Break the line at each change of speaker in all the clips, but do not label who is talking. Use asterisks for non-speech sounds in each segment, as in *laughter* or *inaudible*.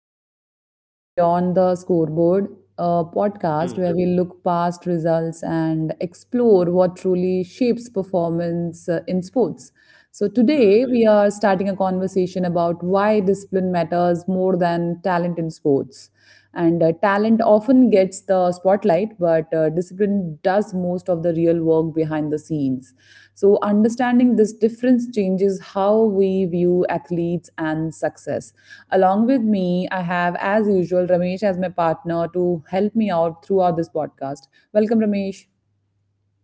welcome back to Beyond the Scoreboard, a podcast
Hmm,
where we look past results and explore what truly shapes performance in sports. So,
hmm.
today we are starting a conversation about why discipline matters more than talent in sports. And talent often gets the spotlight, but discipline does most of the real work behind the scenes. So, understanding this difference changes how we view athletes and success. Along with me, I have, as usual, Ramesh as my partner to help me out throughout this podcast. Welcome, Ramesh.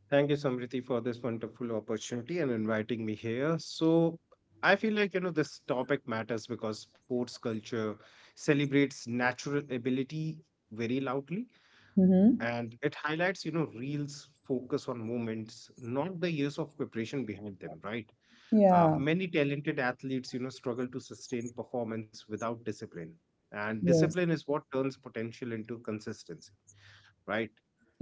Thank you, Samriti, for this wonderful opportunity and inviting me here. So, I feel like, this topic matters because sports culture celebrates natural ability very loudly,
Hmm.
and it highlights, reels focus on moments, not the years of preparation behind them, right?
Yeah.
Many talented athletes, struggle to sustain performance without discipline. And
Yes.
discipline is what turns potential into consistency, right?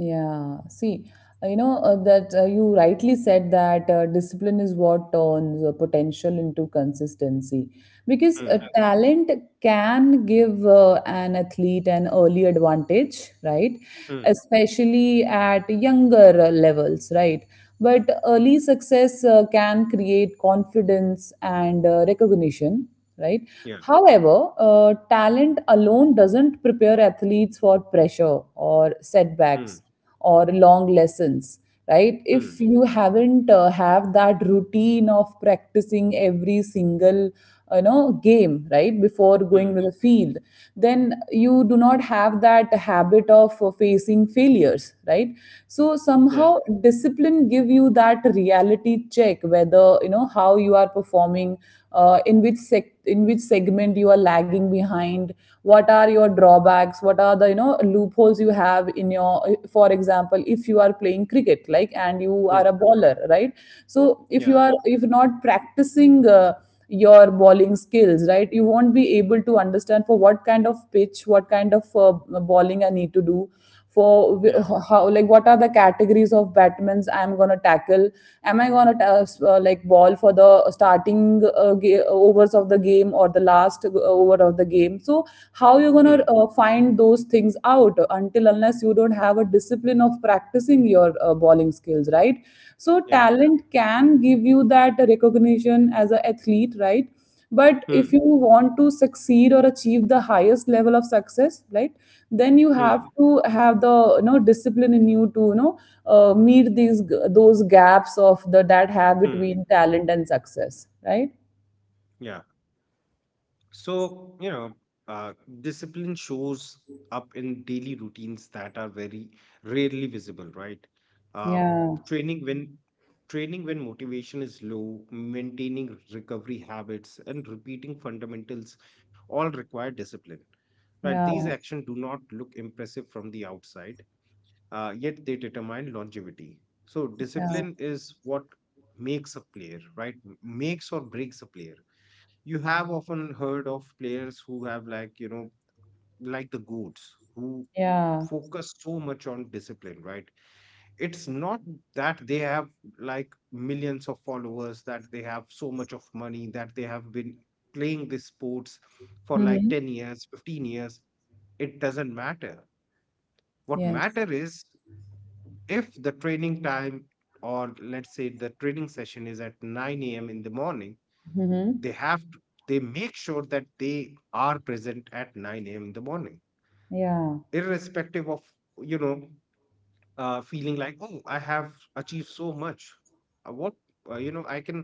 Yeah, see, that you rightly said that discipline is what turns potential into consistency. Because
Hmm,
talent can give an athlete an early advantage, right?
hmm,
Especially at younger levels, right? But early success can create confidence and recognition, right?
yeah,
However, talent alone doesn't prepare athletes for pressure or setbacks
hmm.
or long lessons, right? If
Hmm.
you haven't have that routine of practicing every single game right before
Hmm.
going to the field, then you do not have that habit of facing failures, right? So
Yeah,
somehow discipline give you that reality check, whether you know how you are performing, in which in which segment you are lagging behind, what are your drawbacks, what are the loopholes you have in your. For example, if you are playing cricket, like, and you are a
hmm.
bowler, right? So
Yeah,
if you're not practicing, your bowling skills, right, you won't be able to understand for what kind of pitch, what kind of bowling I need to do, for
yeah,
how, like, what are the categories of batsmen I'm going to tackle, am I going to like ball for the starting overs of the game or the last over of the game. So how you're going
hmm.
to find those things out until, unless you don't have a discipline of practicing your bowling skills, right? So
Yeah,
talent can give you that recognition as an athlete, right? But if you
hmm.
want to succeed or achieve the highest level of success, right, then you have
Hmm.
to have the discipline in you to meet these those gaps of the that have
Hmm.
between talent and success, right?
Yeah. So, uh, discipline shows up in daily routines that are very rarely visible, right? Uh,
Yeah,
training when Training when motivation is low, maintaining recovery habits, and repeating fundamentals all require discipline, right?
yeah,
These actions do not look impressive from the outside, yet they determine longevity. So
yeah,
discipline is what makes a player, right? Makes or breaks a player. You have often heard of players who have like, you know, like the goats who
yeah.
focus so much on discipline, right? It's not that they have like millions of followers, that they have so much of money, that they have been playing these sports for like
Mm-hmm.
10 years, 15 years. It doesn't matter. What
Yes.
matter is if the training time, or let's say the training session, is at 9 a.m in the morning,
Mm-hmm.
they have to, they make sure that they are present at 9 a.m in the morning,
Yeah.
irrespective of, you know, feeling like, oh, I have achieved so much. What You know, I can,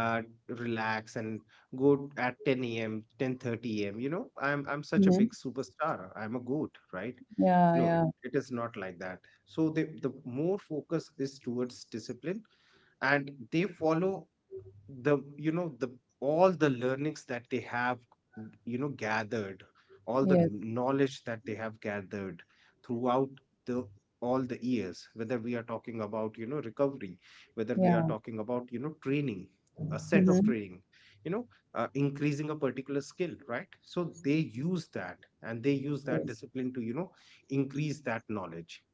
uh, relax and go at 10 a.m, 10:30 a.m. You know, I'm such a
Mm-hmm.
big superstar, I'm a goat, right?
Yeah,
No,
yeah.
it, it is not like that. So the more focus is towards discipline, and they follow the, you know, the all the learnings that they have, you know, gathered, all the
Yes.
knowledge that they have gathered throughout the, all the years, whether we are talking about, you know, recovery, whether we are
Yeah.
talking about, you know, training, a set of
Mm-hmm.
training, you know, increasing a particular skill, right? So they use that, and they use that
Yes.
discipline to, you know, increase that knowledge.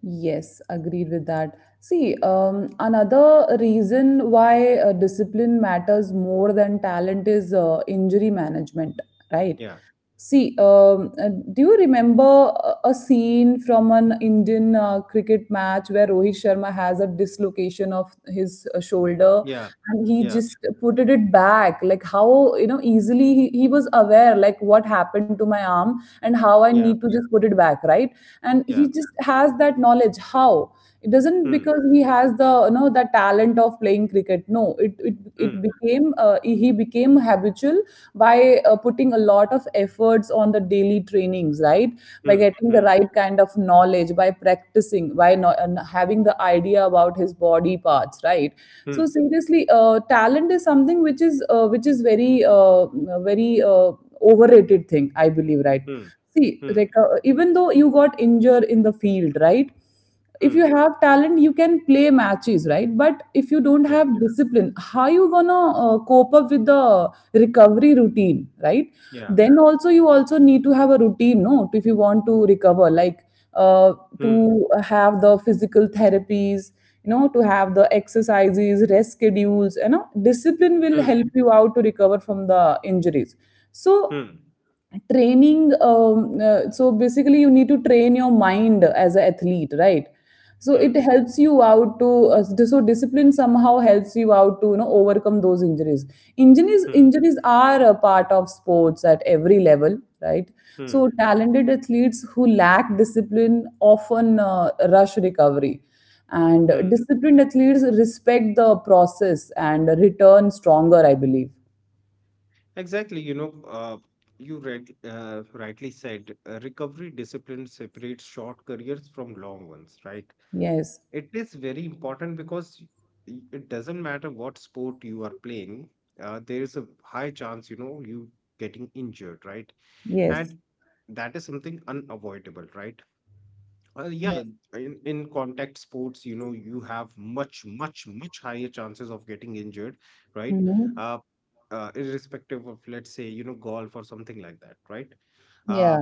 Yes, agreed with that. See, another reason why discipline matters more than talent is injury management, right?
Yeah,
See, do you remember a scene from an Indian cricket match where Rohit Sharma has a dislocation of his shoulder,
yeah,
and he
yeah,
just put it back, like, how, you know, easily, he was aware, like, what happened to my arm, and how I need
yeah,
to just put it back, right? And he
yeah,
just has that knowledge how. It doesn't,
hmm,
because he has the, the talent of playing cricket. No, it it
hmm,
it became he became habitual by putting a lot of efforts on the daily trainings, right? By
hmm,
getting the
hmm,
right kind of knowledge, by practicing, by no, and having the idea about his body parts, right?
hmm.
So seriously, talent is something which is very uh, very uh, overrated thing, I believe, right?
Hmm,
See,
hmm,
like, even though you got injured in the field, right, if you
hmm.
have talent you can play matches, right? But if you don't have
Yeah,
discipline, how you gonna cope up with the recovery routine, right?
yeah.
Then also you also need to have a routine, no? If you want to recover, like, uh,
Hmm,
to have the physical therapies, you know, to have the exercises, rest schedules, discipline will
hmm,
help you out to recover from the injuries. So
hmm,
training basically you need to train your mind as an athlete, right? So it
hmm,
helps you out to so discipline somehow helps you out to overcome those injuries. injuries
hmm,
injuries are a part of sports at every level, right?
hmm,
So talented athletes who lack discipline often rush recovery, and
hmm.
disciplined athletes respect the process and return stronger, I believe.
Exactly. You know, you read, rightly said, recovery discipline separates short careers from long ones, right?
Yes.
It is very important because it doesn't matter what sport you are playing, there is a high chance, you know, you getting injured, right?
Yes.
And that is something unavoidable, right? Yeah,
Yes.
in contact sports, you know, you have much, much, much higher chances of getting injured, right?
Mm-hmm.
Uh, Irrespective of, let's say, you know, golf or something like that, right? Uh,
Yeah.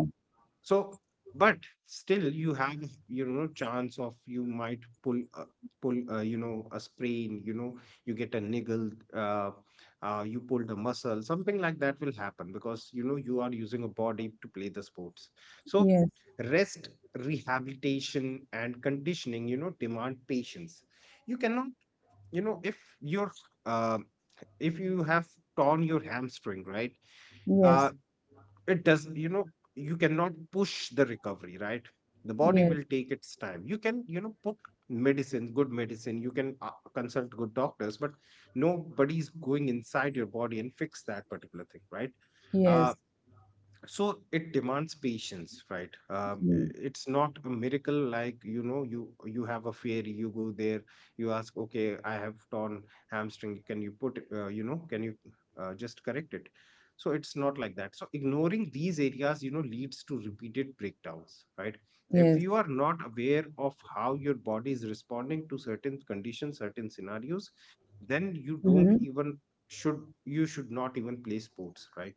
so, but still, you have, you know, chance of you might pull, you know, a sprain, you know, you get a niggle, you pull the muscle, something like that will happen because, you know, you are using a body to play the sports. So,
Yes.
rest rehabilitation and conditioning, you know, demand patience. You cannot, you know, uh, if you have torn your hamstring, right, uh,
Yes.
it does, you know, you cannot push the recovery, right? The body
Yes.
will take its time. You can, you know, put medicine, good medicine, you can, consult good doctors, but nobody's going inside your body and fix that particular thing, right? uh,
Yes.
so it demands patience, right?
Mm.
It's not a miracle, like, you know, you have a fear, you go there, you ask, okay, I have torn hamstring, can you put, you know, can you just correct it? So it's not like that. So ignoring these areas, you know, leads to repeated breakdowns, right? If
Yes.
you are not aware of how your body is responding to certain conditions, certain scenarios, then you don't
Mm-hmm.
even, should not even play sports, right?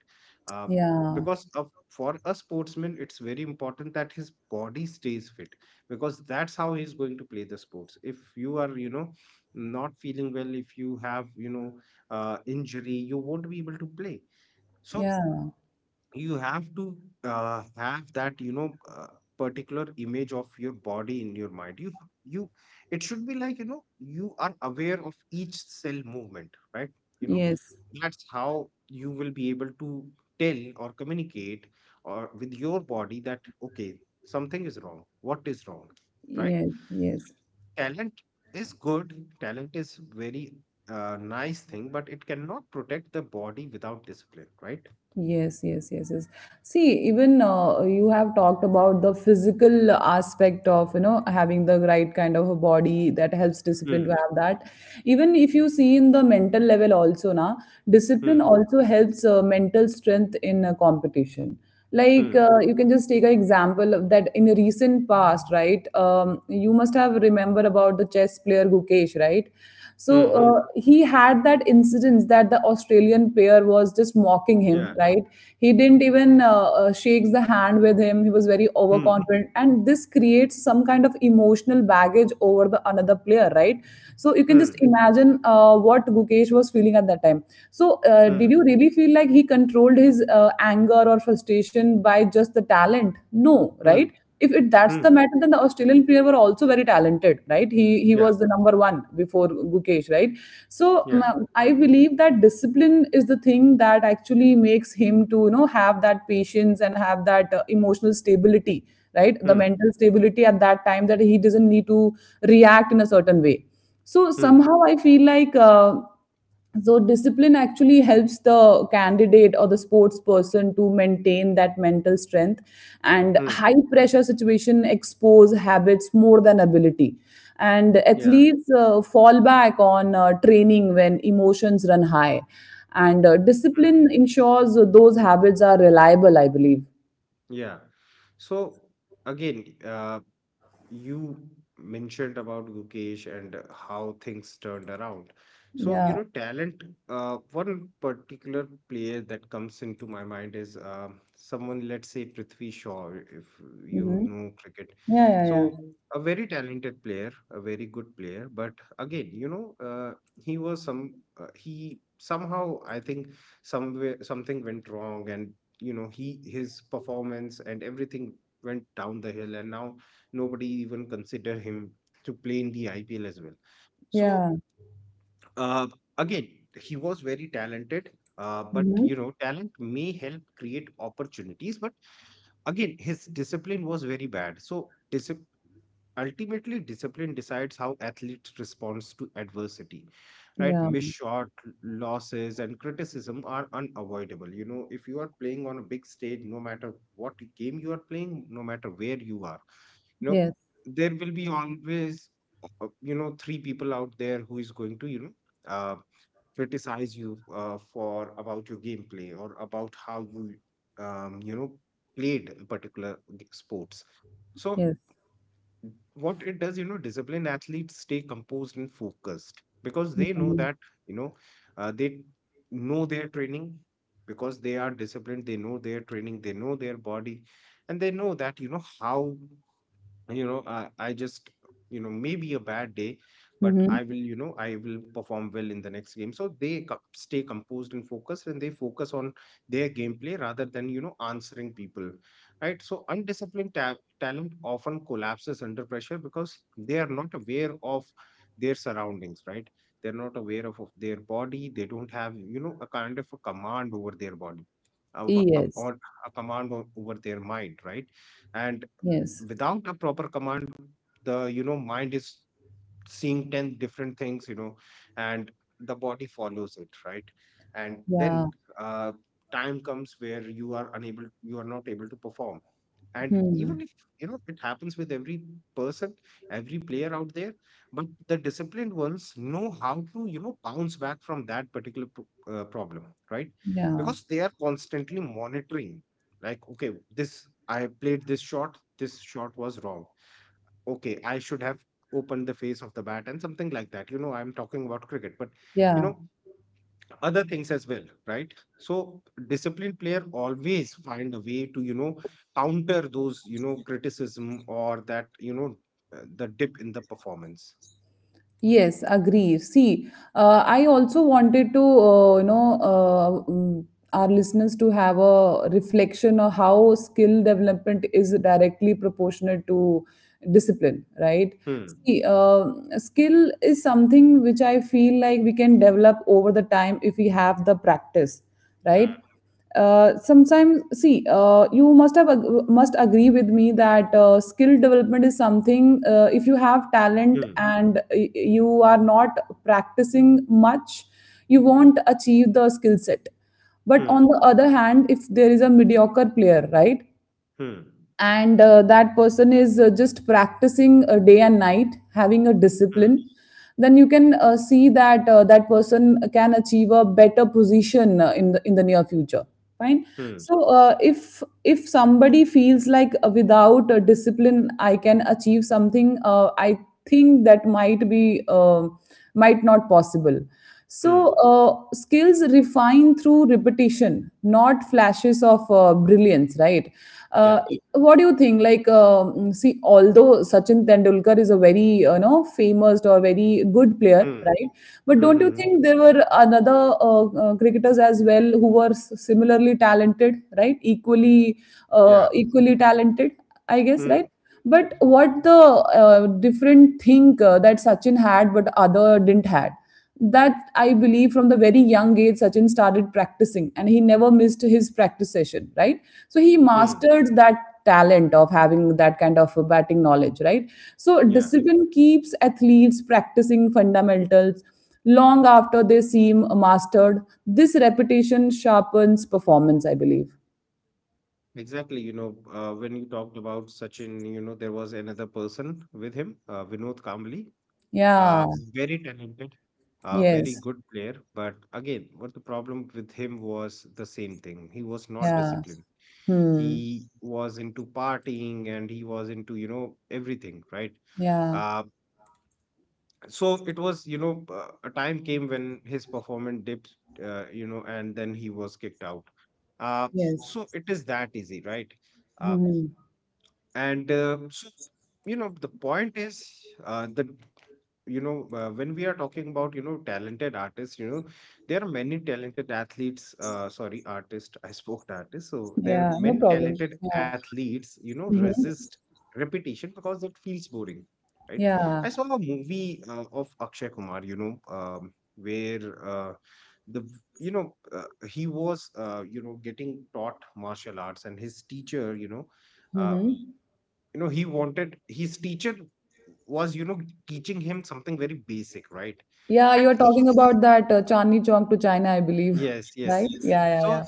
Uh,
Yeah.
because of, for a sportsman, it's very important that his body stays fit, because that's how he's going to play the sports. If you are, you know, not feeling well, if you have, you know, injury, you won't be able to play. So
Yeah.
you have to, have that, you know, particular image of your body in your mind. You it should be like, you know, you are aware of each cell movement, right? You know,
Yes.
that's how you will be able to tell or communicate or with your body that, okay, something is wrong, what is wrong, right?
Yes. Yes.
Talent is good, talent is very, nice thing, but it cannot protect the body without discipline, right?
Yes, yes, yes, yes. See, even you have talked about the physical aspect of, having the right kind of a body that helps discipline to
Hmm,
have that. Even if you see in the mental level also, na, discipline
hmm,
also helps mental strength in a competition. Like
hmm.
you can just take an example of that in recent past, right? You must have remember about the chess player Gukesh, right? So
Mhm.
he had that incidence that the Australian player was just mocking him,
Yeah.
right? He didn't even shakes the hand with him. He was very
Mm.
overconfident, and this creates some kind of emotional baggage over the another player, right? So you can just
Mm.
imagine what Gukesh was feeling at that time. So did
Mm.
you really feel like he controlled his anger or frustration by just the talent? No, right?
Mm.
If it, that's
Mm.
the matter, then the Australian player were also very talented, right? He
Yeah.
was the number one before Gukesh, right? So
Yeah.
I believe that discipline is the thing that actually makes him to have that patience and have that emotional stability, right? The
Mm.
mental stability at that time, that he doesn't need to react in a certain way. So
Mm.
somehow I feel like. So discipline actually helps the candidate or the sports person to maintain that mental strength, and
Mm.
high pressure situation expose habits more than ability, and
Yeah.
athletes fall back on training when emotions run high, and
Mm.
discipline ensures those habits are reliable, I believe.
Yeah. So again, you mentioned about Gukesh and how things turned around. So, you
Yeah.
know, talent, one particular player that comes into my mind is someone, let's say Prithvi Shaw, if you
Hmm.
know cricket.
Yeah. Yeah. Yeah.
So, a very talented player, a very good player. But again, you know, he somehow, I think, somewhere something went wrong and, you know, his performance and everything went down the hill. And now, nobody even consider him to play in the IPL as well. So
Yeah.
uh, again, he was very talented. But you
Hmm.
know, talent may help create opportunities, but again, his discipline was very bad. So, discipline ultimately, discipline decides how athlete responds to adversity, right? Missed
Yeah.
shot, losses, and criticism are unavoidable. You know, if you are playing on a big stage, no matter what game you are playing, no matter where you are, you know,
Yes.
there will be always, you know, three people out there who is going to, you know, uh, criticize you for about your gameplay or about how you, you know, played a particular sports. So
Yes.
what it does, you know, disciplined athletes stay composed and focused because they know
Hmm.
that, you know, they know their training because they are disciplined, they know their training, they know their body, and they know that, you know, how, you know, I just, you know, maybe a bad day, but
Hmm.
I will, you know, I will perform well in the next game. So they stay composed and focused, and they focus on their gameplay rather than, you know, answering people, right? So talent often collapses under pressure because they are not aware of their surroundings, right? They're not aware of their body, they don't have, you know, a kind of a command over their body, uh,
Yes.
or a over their mind, right? And
Yes.
without a proper command, the, you know, mind is seeing 10 different things, you know, and the body follows it, right? And
Yeah.
then, uh, time comes where you are not able to perform. And
Hmm.
even if, you know, it happens with every person, every player out there, but the disciplined ones know how to, you know, bounce back from that particular problem, right?
Yeah.
Because they are constantly monitoring, like, okay, this, I played this shot, this shot was wrong, okay, I should have opened the face of the bat and something like that, you know, I'm talking about cricket, but, you
Yeah.
know, other things as well, right? So disciplined player always find a way to, you know, counter those, you know, criticism, or that, you know, the dip in the performance.
Yes, agree. See, I also wanted to, our listeners to have a reflection of how skill development is directly proportionate to discipline, right?
Hmm,
See, skill is something which I feel like we can develop over the time if we have the practice, right? Sometimes see, you must have must agree with me that skill development is something, if you have talent
hmm,
and you are not practicing much, you won't achieve the skill set. But on
hmm,
the other hand, if there is a mediocre player, right,
hmm,
and that person is just practicing day and night, having a discipline,
hmm,
then you can see that that person can achieve a better position in the near future, fine.
hmm,
So if somebody feels like without a discipline I can achieve something, I think that might not possible.
hmm,
So
hmm,
skills refine through repetition, not flashes of brilliance, right?
yeah,
uh, what do you think? Like, see, although Sachin Tendulkar is a very, famous or very good player,
hmm,
right? But don't you
hmm,
think there were another cricketers as well who were similarly talented, right? Equally, uh,
yeah,
equally talented, I guess,
hmm,
right? But what the different thing that Sachin had but other didn't had, that I believe, from the very young age Sachin started practicing and he never missed his practice session, right? So he
hmm,
mastered that talent of having that kind of batting knowledge, right? So
yeah.
discipline keeps athletes practicing fundamentals long after they seem mastered. This repetition sharpens performance, I believe.
Exactly. You know, when you talked about Sachin, you know, there was another person with him, Vinod Kambli,
Yeah.
uh, very talented, a very
Yes.
good player, but again, what the problem with him was the same thing. He was not
Yeah.
disciplined.
Hmm.
He was into partying and he was into, you know, everything, right?
Yeah.
Uh, so it was, you know, a time came when his performance dipped, you know, and then he was kicked out. Uh,
Yes.
so it is that easy, right? Uh,
Hmm.
and So, you know, the point is, the you know, when we are talking about, you know, talented artists, you know, there are many talented athletes sorry artist, I spoke to artist, so there are
Yeah. No
many
problem.
talented
Yeah.
athletes, you know,
Hmm.
resist repetition because it feels boring, right? I
Yeah.
saw a movie, of Akshay Kumar, you know, you know, uh, he was, you know, getting taught martial arts, and his teacher, you know, uh,
Hmm.
you know he wanted his teacher was, you know, teaching him something very basic, right?
Yeah. You're
and
talking
he
about that Chandni Chowk to China, I believe.
Yes,
*laughs* Right?
yes.
Yeah. Yeah.
So
Yeah.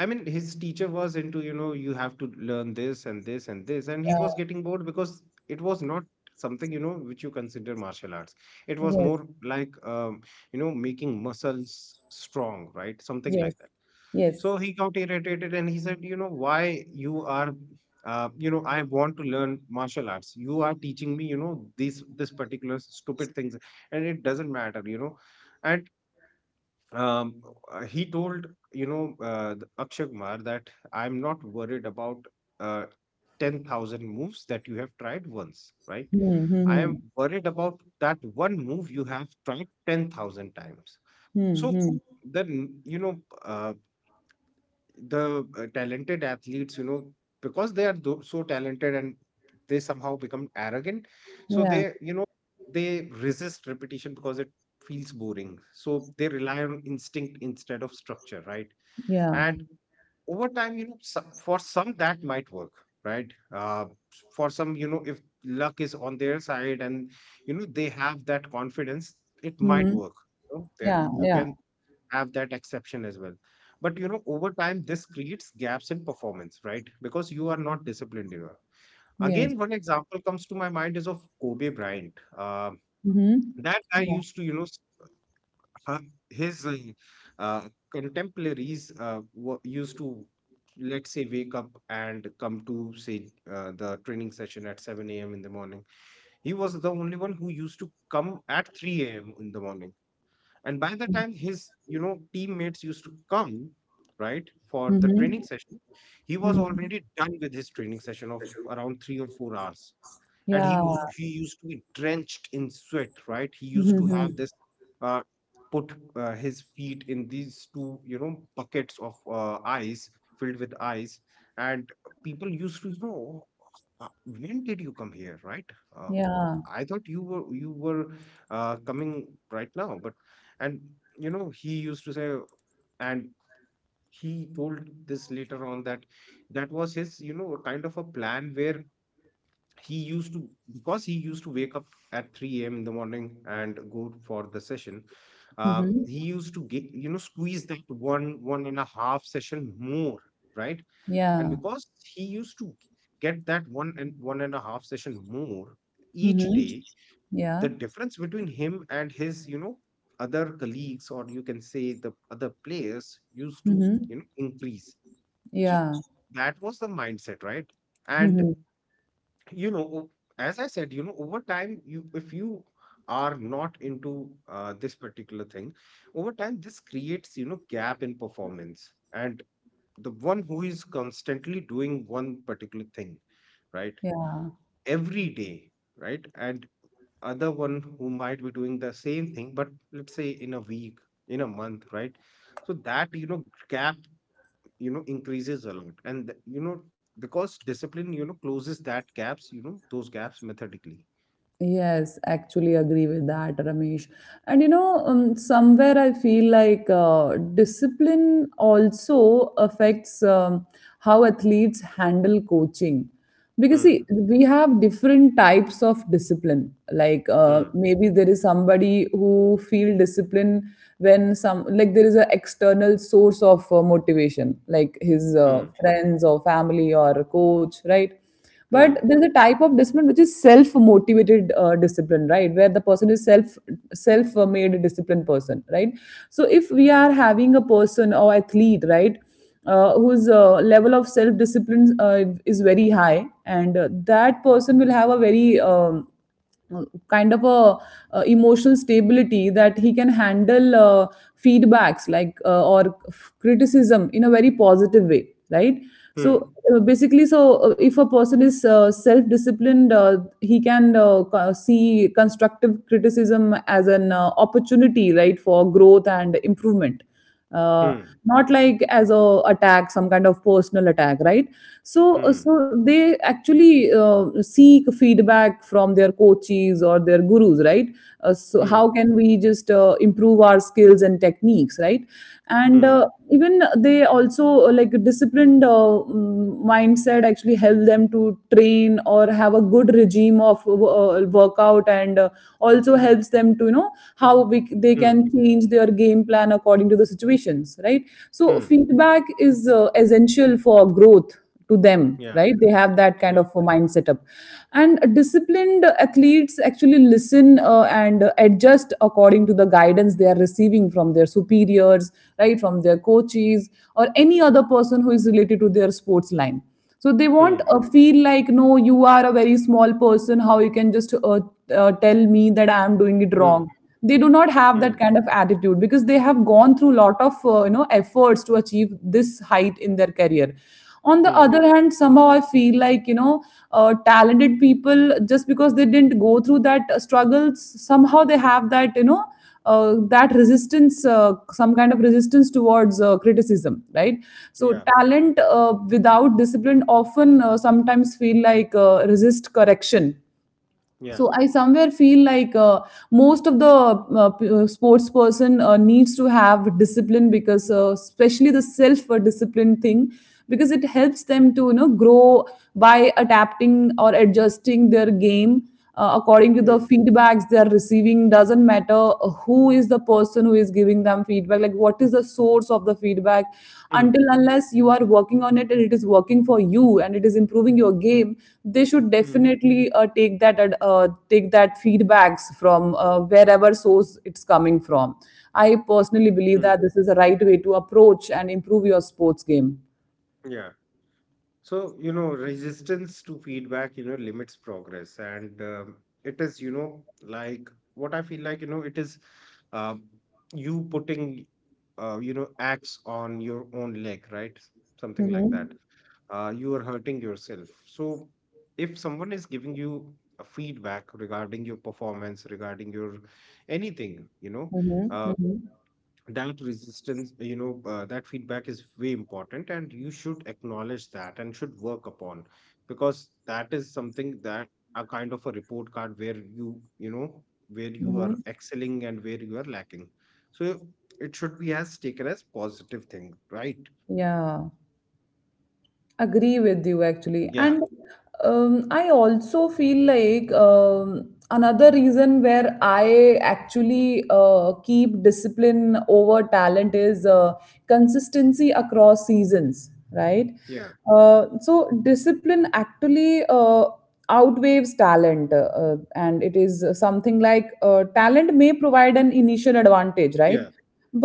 I mean, his teacher was into, you know, you have to learn this and this and this. And he was getting bored because it was not something, which you consider martial arts. It
Yeah.
was
Yes.
more like, making muscles strong, right? Something
Yes.
like that.
Yes.
So he got irritated and he said, why you are, I want to learn martial arts. You are teaching me, these, this particular stupid things and it doesn't matter. And um, he told Akshay Kumar that I'm not worried about uh, 10,000 moves that you have tried once, right? I
Mm-hmm.
am worried about that one move you have tried 10,000 times. So
Mm-hmm.
then uh, the talented athletes because they are so talented and they somehow become arrogant, so
Yeah.
they you know they resist repetition because it feels boring, so they rely on instinct instead of structure, right.
Yeah.
And over time, for some that might work, right. For some, if luck is on their side and they have that confidence, it might
Hmm.
work. You know?
Yeah.
You
Yeah.
can have that exception as well. But over time, this creates gaps in performance, right? Because you are not disciplined enough.
Yes.
Again, one example comes to my mind is of Kobe Bryant. Um
Mhm.
that guy
Ja.
used to, uh, his uh, contemporaries used to, let's say, wake up and come to, say, the training session at 7 a.m. in the morning. He was the only one who used to come at 3 a.m. in the morning, and by the time his teammates used to come, right, for the training
Mhm.
session, he was
Mhm.
already done with his training session of around 3 or 4 hours. And he
Ja.
was he used to be drenched in sweat, right. He used to have
Mhm,
this, uh, put his feet in these two buckets of ice, filled with ice. And people used to when did you come here, right? uh,
yeah.
i thought you were coming right now, but, and he used to say. And he told this later on that that was his kind of a plan where he used to, because he used to wake up at 3 a.m. in the morning and go for the session. He used to get, squeeze that one and a half session more, right.
Ja.
And
Mhm. Ja.
because he used to get that one and one and a half session more each
Mhm.
day, the
Ja.
difference between him and his other colleagues, or you can say the other players, used to
Mhm.
increase. So
Ja.
that was the mindset, right. And
Mhm.
you know o- as I said, over time, you, if you are not into this particular thing, over time this creates gap in performance. And the one who is constantly doing one particular thing, right,
Yeah.
every day, right, and other one who might be doing the same thing but, let's say, in a week, in a month, right? So that gap increases a lot. And because discipline closes that gaps, those gaps methodically.
Yes, actually agree with that, Ramesh. And somewhere I feel like discipline also affects how athletes handle coaching. Because
Hmm.
see, we have different types of discipline. Like
Hmm.
maybe there is somebody who feel discipline when some like there is an external source of motivation, like his
Hmm.
friends or family or a coach, right? But
Hmm.
there's a type of discipline which is self motivated discipline, right, where the person is self made disciplined person, right. So if we are having a person or athlete, right, whose level of self discipline is very high, and that person will have a very kind of a emotional stability that he can handle feedbacks, like or criticism in a very positive way, right. So
Hmm.
basically, so if a person is self disciplined, he can see constructive criticism as an opportunity, right, for growth and improvement. uh,
Hmm.
Not like as a attack, some kind of personal attack, right. So
Hmm.
so they actually seek feedback from their coaches or their gurus, right. So
Hmm.
how can we just improve our skills and techniques, right. And
Hmm.
even they also like disciplined mindset actually help them to train or have a good regime of workout, and also helps them to how they
Hmm.
can change their game plan according to the situations, right. So
Hmm.
feedback is essential for growth to them,
Yeah.
right. They have that kind
Yeah.
of a mind setup. And disciplined athletes actually listen and adjust according to the guidance they are receiving from their superiors, right, from their coaches or any other person who is related to their sports line. So they won't
Hmm.
feel like, no, you are a very small person, how you can just tell me that I am doing it
Hmm.
wrong. They do not have
Hmm.
that kind of attitude because they have gone through lot of you know efforts to achieve this height in their career. On the
Hmm.
other hand, somehow I feel like you know talented people, just because they didn't go through that struggles, somehow they have that you know that resistance some kind of resistance towards criticism, right. So
Yeah.
talent without discipline often sometimes feel like resist correction.
Yeah.
So I somewhere feel like most of the sports person needs to have discipline because especially the self discipline thing, because it helps them to you know grow by adapting or adjusting their game according to the
Hmm.
feedbacks they are receiving. Doesn't matter who is the person who is giving them feedback, like what is the source of the feedback. Until
Hmm.
unless you are working on it and it is working for you and it is improving your game, they should
Hmm.
definitely take that take that feedbacks from wherever source it's coming from. I personally believe that
Hmm.
this is the right way to approach and improve your sports game.
Yeah. So, resistance to feedback, limits progress. And it is, like what I feel like, it is uh, you putting, axe on your own leg, right? Something like that.
Hmm.
You are hurting yourself. So, if someone is giving you a feedback regarding your performance, regarding your anything,
Hmm.
uh,
Hmm.
that resistance that feedback is way important, and you should acknowledge that and should work upon, because that is something, that a kind of a report card, where you know where you
Hmm.
are excelling and where you are lacking. So it should be as taken as positive thing, right.
Yeah, agree with you actually.
Yeah.
And I also feel like another reason where I actually keep discipline over talent is consistency across seasons, right.
Yeah.
So discipline actually outweighs talent, and it is something like talent may provide an initial advantage, right.
Yeah.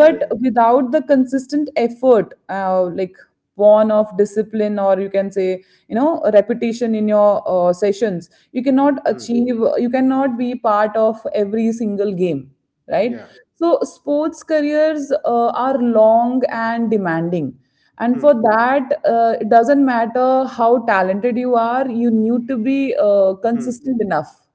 Yeah. Yeah.
without the consistent effort like born of discipline, or you can say you know repetition in your sessions, you cannot
Hmm.
achieve, you cannot be part of every single game, right.
Yeah.
So sports careers are long and demanding. And for
Hmm.
that, it doesn't matter how talented you are, you need to be
Hmm.
consistent enough.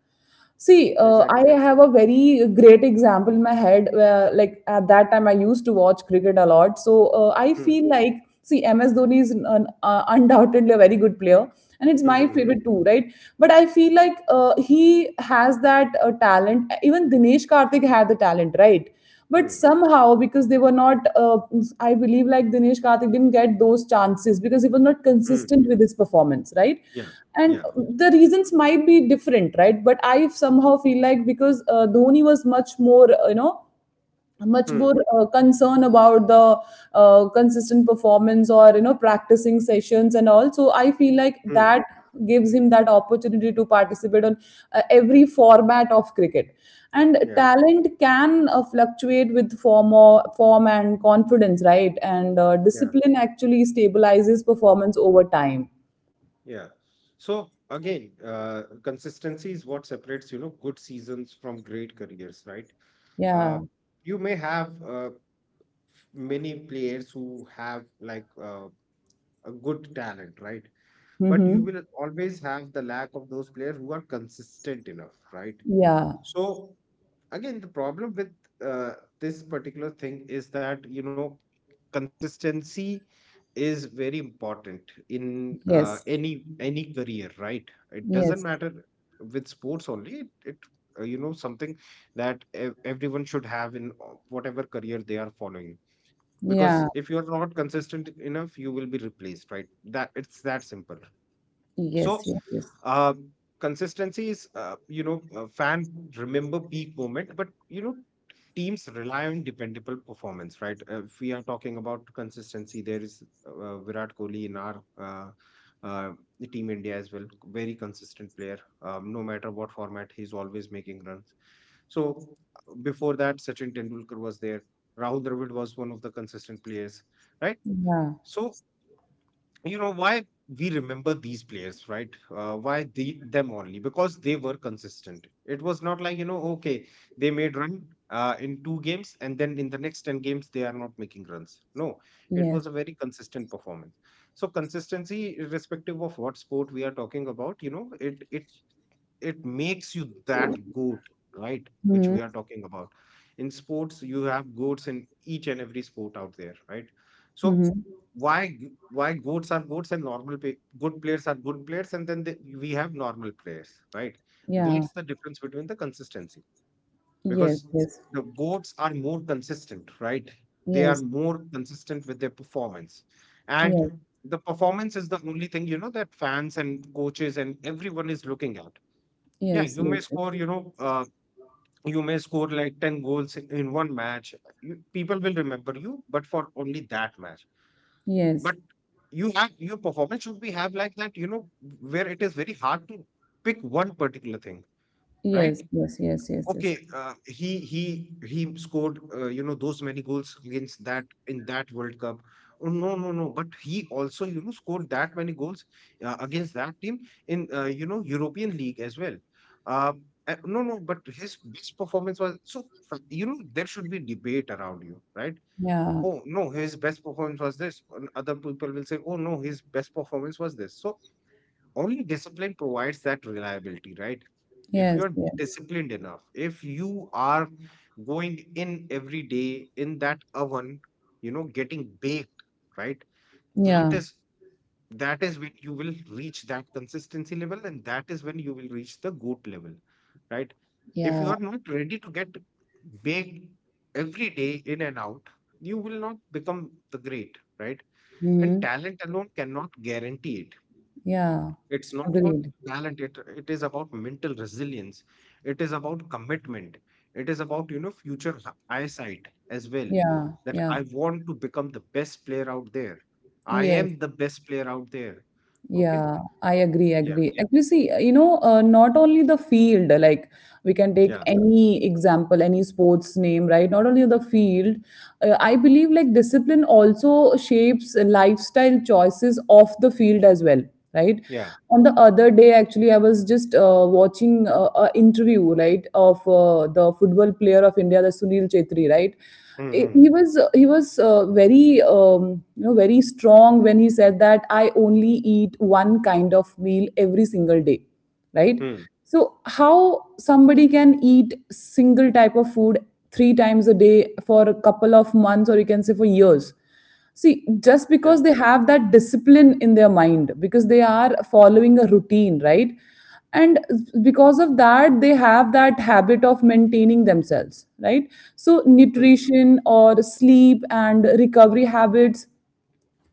See, I
Exactly.
have a very great example in my head where, like, at that time I used to watch cricket a lot. So, I
Hmm.
feel like, see, MS Dhoni is an, undoubtedly a very good player, and it's
Hmm.
my
Hmm. Hmm.
favorite too, right? But I feel like he has that talent. Even Dinesh Karthik had the talent, right? But
Hmm.
somehow, because they were not, I believe, like Dinesh Karthik didn't get those chances because he was not
Hmm.
consistent with his performance, right?
Yeah.
And
Yeah.
the reasons might be different, right? But I somehow feel like because Dhoni was much more, you know, much
Hmm.
more concern about the consistent performance or you know practicing sessions and all, so I feel like
Hmm.
that gives him that opportunity to participate on every format of cricket. And
Yeah.
talent can fluctuate with form, or form and confidence, right. And
Yeah.
discipline actually stabilizes performance over time.
Yeah. So again, consistency is what separates, good seasons from great careers, right?
Yeah.
Uh, you may have many players who have like a good talent, right? But you
Mm-hmm.
will always have the lack of those players who are consistent enough, right?
Yeah.
So again, the problem with uh, this particular thing is that, consistency is very important in
Yes.
any career, right. It doesn't
Yes.
matter with sports only, it something that everyone should have in whatever career they are following,
Yeah.
because if you're not consistent enough, you will be replaced, right. That, it's that simple.
Yes.
So,
Yes. Yes.
um, consistency is, fan remember peak moment, but teams rely on dependable performance, right? If we are talking about consistency, there is Virat Kohli in our uh, the Team India as well, very consistent player. No matter what format, he's always making runs. So before that, Sachin Tendulkar was there. Rahul Dravid was one of the consistent players, right?
Yeah.
So why we remember these players, right. Why the, them, only because they were consistent. It was not like, okay, they made run in two games and then in the next 10 games they are not making runs. No, it
Yes.
was a very consistent performance. So consistency, irrespective of what sport we are talking about, it makes you that goat, right? Which
Hmm.
we are talking about. In sports, you have goats in each and every sport out there, right? So
Mm-hmm.
why goats are goats and good players are good players, and then we have normal players, right?
Yeah.
That's the difference between the consistency,
Yes.
because
Yes.
the goats are more consistent, right? They are more consistent with their performance,
Yes.
and the performance is the only thing that fans and coaches and everyone is looking at. Yeah,
Yes. Yes.
you may score like 10 goals in one match. People will remember you, but for only that match.
Yes.
But you have your performance should be have like that, where it is very hard to pick one particular thing, right?
Yes. Yes. Yes. Yes. Yes. Yes. yes.
Okay, he scored those many goals against that in that World Cup. Oh, no, no, no. But he also scored that many goals against that team in European League as well. No, no. But his best performance was— there should be debate around you, right?
Yeah.
Oh no, his best performance was this. And other people will say, oh no, his best performance was this. So only discipline provides that reliability, right. If
Yes.
you are
Yes.
disciplined enough, if you are going in every day in that oven, getting baked, right,
Yeah.
that is that is when you will reach that consistency level, and that is when you will reach the goat level, right. If you
Yeah.
are not ready to get baked every day, in and out, you will not become the great, right. And
Mm-hmm.
talent alone cannot guarantee it.
Yeah.
It's not about
Agreed.
talent, it is about mental resilience, it is about commitment, it is about, future eyesight as well.
Yeah.
That
Yeah.
I want to become the best player out there. I
Yes.
am the best player out there. Okay?
Yeah, I agree,
Yeah,
agree. Actually, see, you know, not only the field, like we can take
yeah,
any example, any sports name, right? Not only the field, I believe like discipline also shapes lifestyle choices off the field as well, right?
yeah.
On the other day, actually, I was just watching an interview, right, of the football player of India, the Sunil Chetri, right? He
Mm-hmm.
was he was very you know very strong when he said that I only eat one kind of meal every single day, right.
Mm.
So how somebody can eat single type of food three times a day for a couple of months, or you can say for years. See, just
Yeah.
because they have that discipline in their mind, because they are following a routine, right? And because of that, they have that habit of maintaining themselves, right? So,
Mm,
nutrition or sleep and recovery habits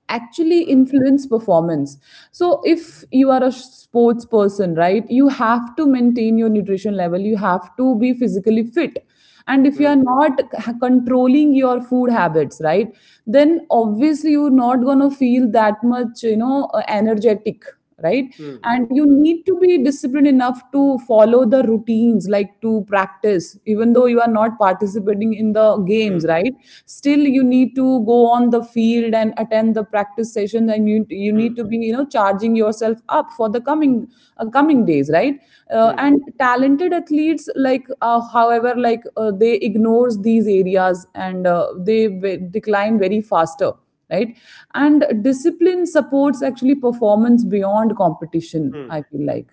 actually
mm.
influence performance. So if you are a sports person, right, you have to maintain your nutrition level, you have to be physically fit. And if you are
Hmm.
not controlling your food habits, right, then obviously you're not going to feel that much you know energetic, right. And you
Mm.
need to be disciplined enough to follow the routines, like to practice even though you are not participating in the games,
Hmm.
right. Still you need to go on the field and attend the practice sessions, and you need
Mm.
to be you know charging yourself up for the coming coming days, right.
Hmm. Mm.
And talented athletes like however, like they ignores these areas, and they decline very faster, right. And discipline supports actually performance beyond competition,
Mm.
I feel like.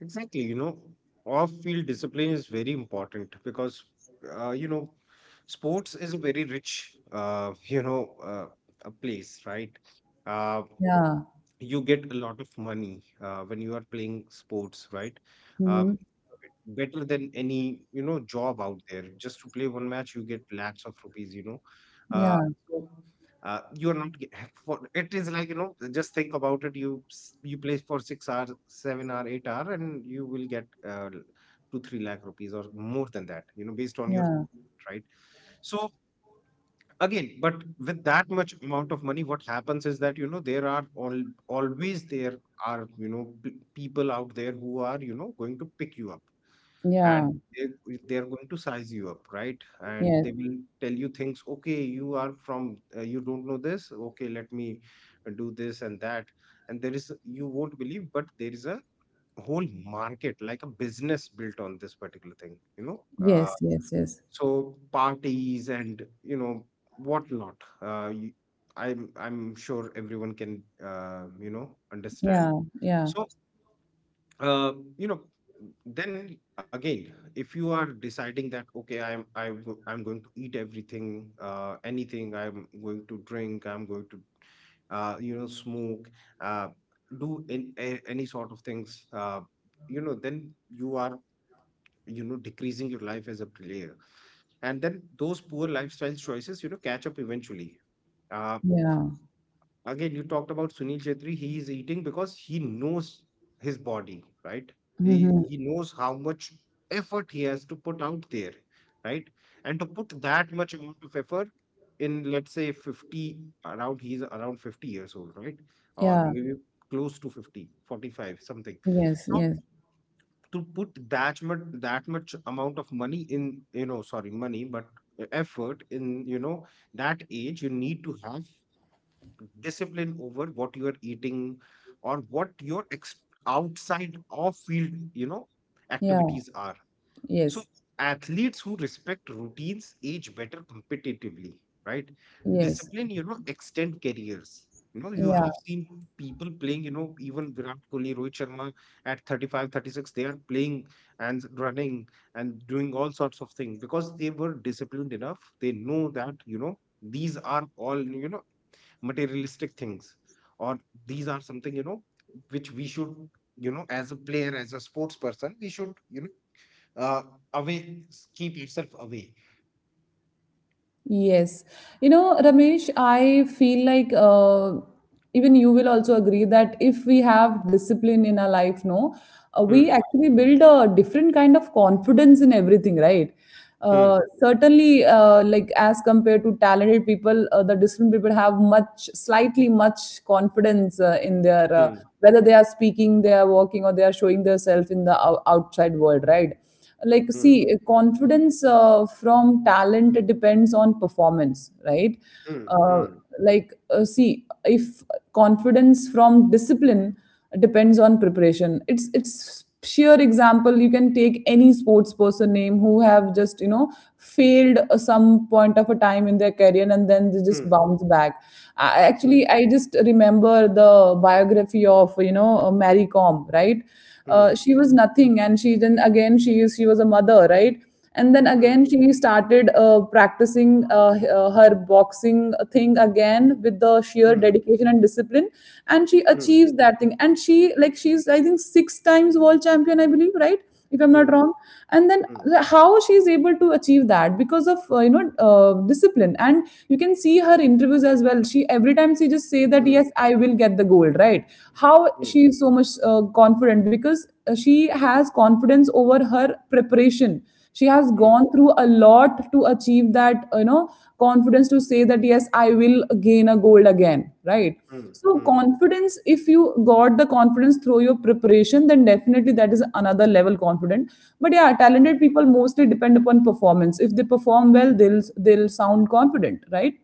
Exactly, off-field discipline is very important, because uh, you know, sports is a very rich *laughs* a place, right? Uh,
Yeah.
you get a lot of money when you are playing sports, right?
Hmm.
Um, better than any job out there. Just to play one match, you get lakhs of rupees. Uh,
Yeah.
so you are not get, *laughs* for it is like just think about it. You play for 6 hours, 7 hour, 8 hour, and you will get 2-3 lakh rupees or more than that. Based on your
Yeah.
contract, right. So again, but with that much amount of money, what happens is that, you know, there are always there are, you know, people out there who are, you know, going to pick you up,
Yeah.
and they are going to size you up, right? And
Yes.
they will tell you things. Okay, you are from, you don't know this, okay, let me do this and that. And there is, you won't believe, but there is a whole market, like a business built on this particular thing, you know,
Yes. Yes. Yes.
so parties and, you know, what not. Uh, you, I'm sure everyone can, you know, understand.
Yeah. Yeah.
So, you know, then again, if you are deciding that, okay, I'm going to eat everything, anything, I'm going to drink, I'm going to, you know, smoke, uh do any sort of things, you know, then you are, you know, decreasing your life as a player. And then those poor lifestyle choices, you know, catch up eventually. uh,
Yeah.
Again, you talked about Sunil Chetri. He is eating because he knows his body, right? he
Hmm.
he knows how much effort he has to put out there, right? And to put that much amount of effort in, let's say, 50, around, he's around 50 years old, right? Or
Yeah.
maybe close to 50, 45, something.
Yes.
So
Yes.
to put that much amount of money in, you know, sorry, money, but, effort in, you know, that age, you need to have discipline over what you are eating or what your outside of field, you know,
Yeah.
activities are. So
Yes.
athletes who respect routines age better competitively, right?
Yes.
Discipline, you know, extend careers. You know, you have
Yeah.
seen people playing, you know, even Virat Kohli, Rohit Sharma at 35, 36, they are playing and running and doing all sorts of things because they were disciplined enough. They know that, you know, these are all, you know, materialistic things, or these are something, you know, which we should, you know, as a player, as a sports person, we should, you know, uh, away, keep yourself away.
Yes. You know, Ramesh, I feel like even you will also agree that if we have discipline in our life, no, we
Hmm.
actually build a different kind of confidence in everything, right? uh,
Hmm.
Certainly, like as compared to talented people, the disciplined people have much, slightly much confidence in their,
Hmm.
whether they are speaking, they are walking, or they are showing themselves in the outside world, right? Like
Hmm.
see confidence from talent, it depends on performance, right.
Hmm.
uh,
Hmm.
like see, if confidence from discipline depends on preparation, it's sheer example. You can take any sports person name who have just you know failed some point of a time in their career, and then they just bounce back. I,
Hmm.
actually i just remember the biography of you know Mary Kom, right.
Hmm.
She was nothing, and she then again she is, she was a mother, right. And then
Hmm.
again she started practicing her boxing thing again, with the sheer
Hmm.
dedication and discipline. And she
Hmm. Hmm. Hmm.
achieves that thing. And she, like, she's I think six times world champion I believe, right, if I'm not
Hmm.
wrong. And then
Hmm.
the- how she's able to achieve that, because of you know discipline. And you can see her interviews as well, she every time she just say
Hmm.
that,
Hmm.
yes, I will get the gold, right. How she is so much confident? Because she has confidence over her preparation. She has
Hmm.
gone through a lot to achieve that you know confidence to say that, yes, I will gain a gold again, right.
Hmm. Hmm.
So
Hmm. Hmm.
confidence, if you got the confidence through your preparation, then definitely that is another level confident. But yeah, talented people mostly depend upon performance. If they perform well, they'll sound confident, right?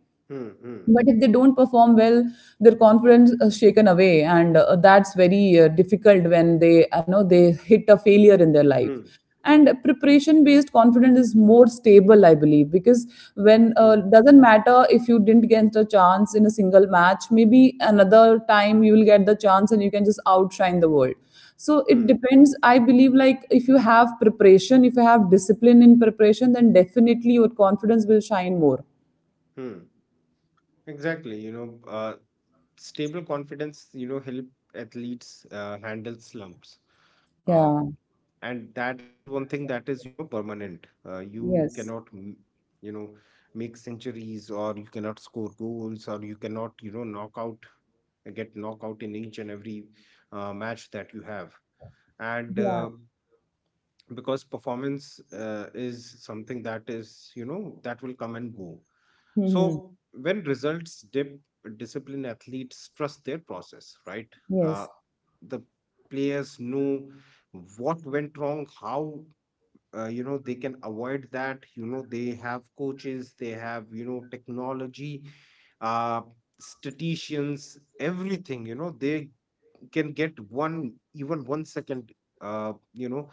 But if they don't perform well, their confidence is shaken away, and that's very difficult when they, you know, they hit a failure in their life.
Hmm.
And preparation-based confidence is more stable, I believe, because when
Hmm.
doesn't matter if you didn't get a chance in a single match, maybe another time you will get the chance and you can just outshine the world. So it
Hmm.
depends. I believe, like, if you have preparation, if you have discipline in preparation, then definitely your confidence will shine more.
Hmm. Exactly. You know, stable confidence, you know, help athletes handle slumps. Uh,
Yeah.
and that is one thing that is, you know, permanent. You
Yes.
cannot you know, make centuries, or you cannot score goals, or you cannot, you know, knock out get knock out in each and every, match that you have. And
Yeah.
Because performance, is something that is, you know, that will come and go.
Mhm.
So when results dip, disciplined athletes trust their process, right? uh,
Yes.
the players know what went wrong, how, you know, they can avoid that. You know, they have coaches, they have, you know, technology, uh statisticians, everything, you know, they can get one, even 1 second, you know,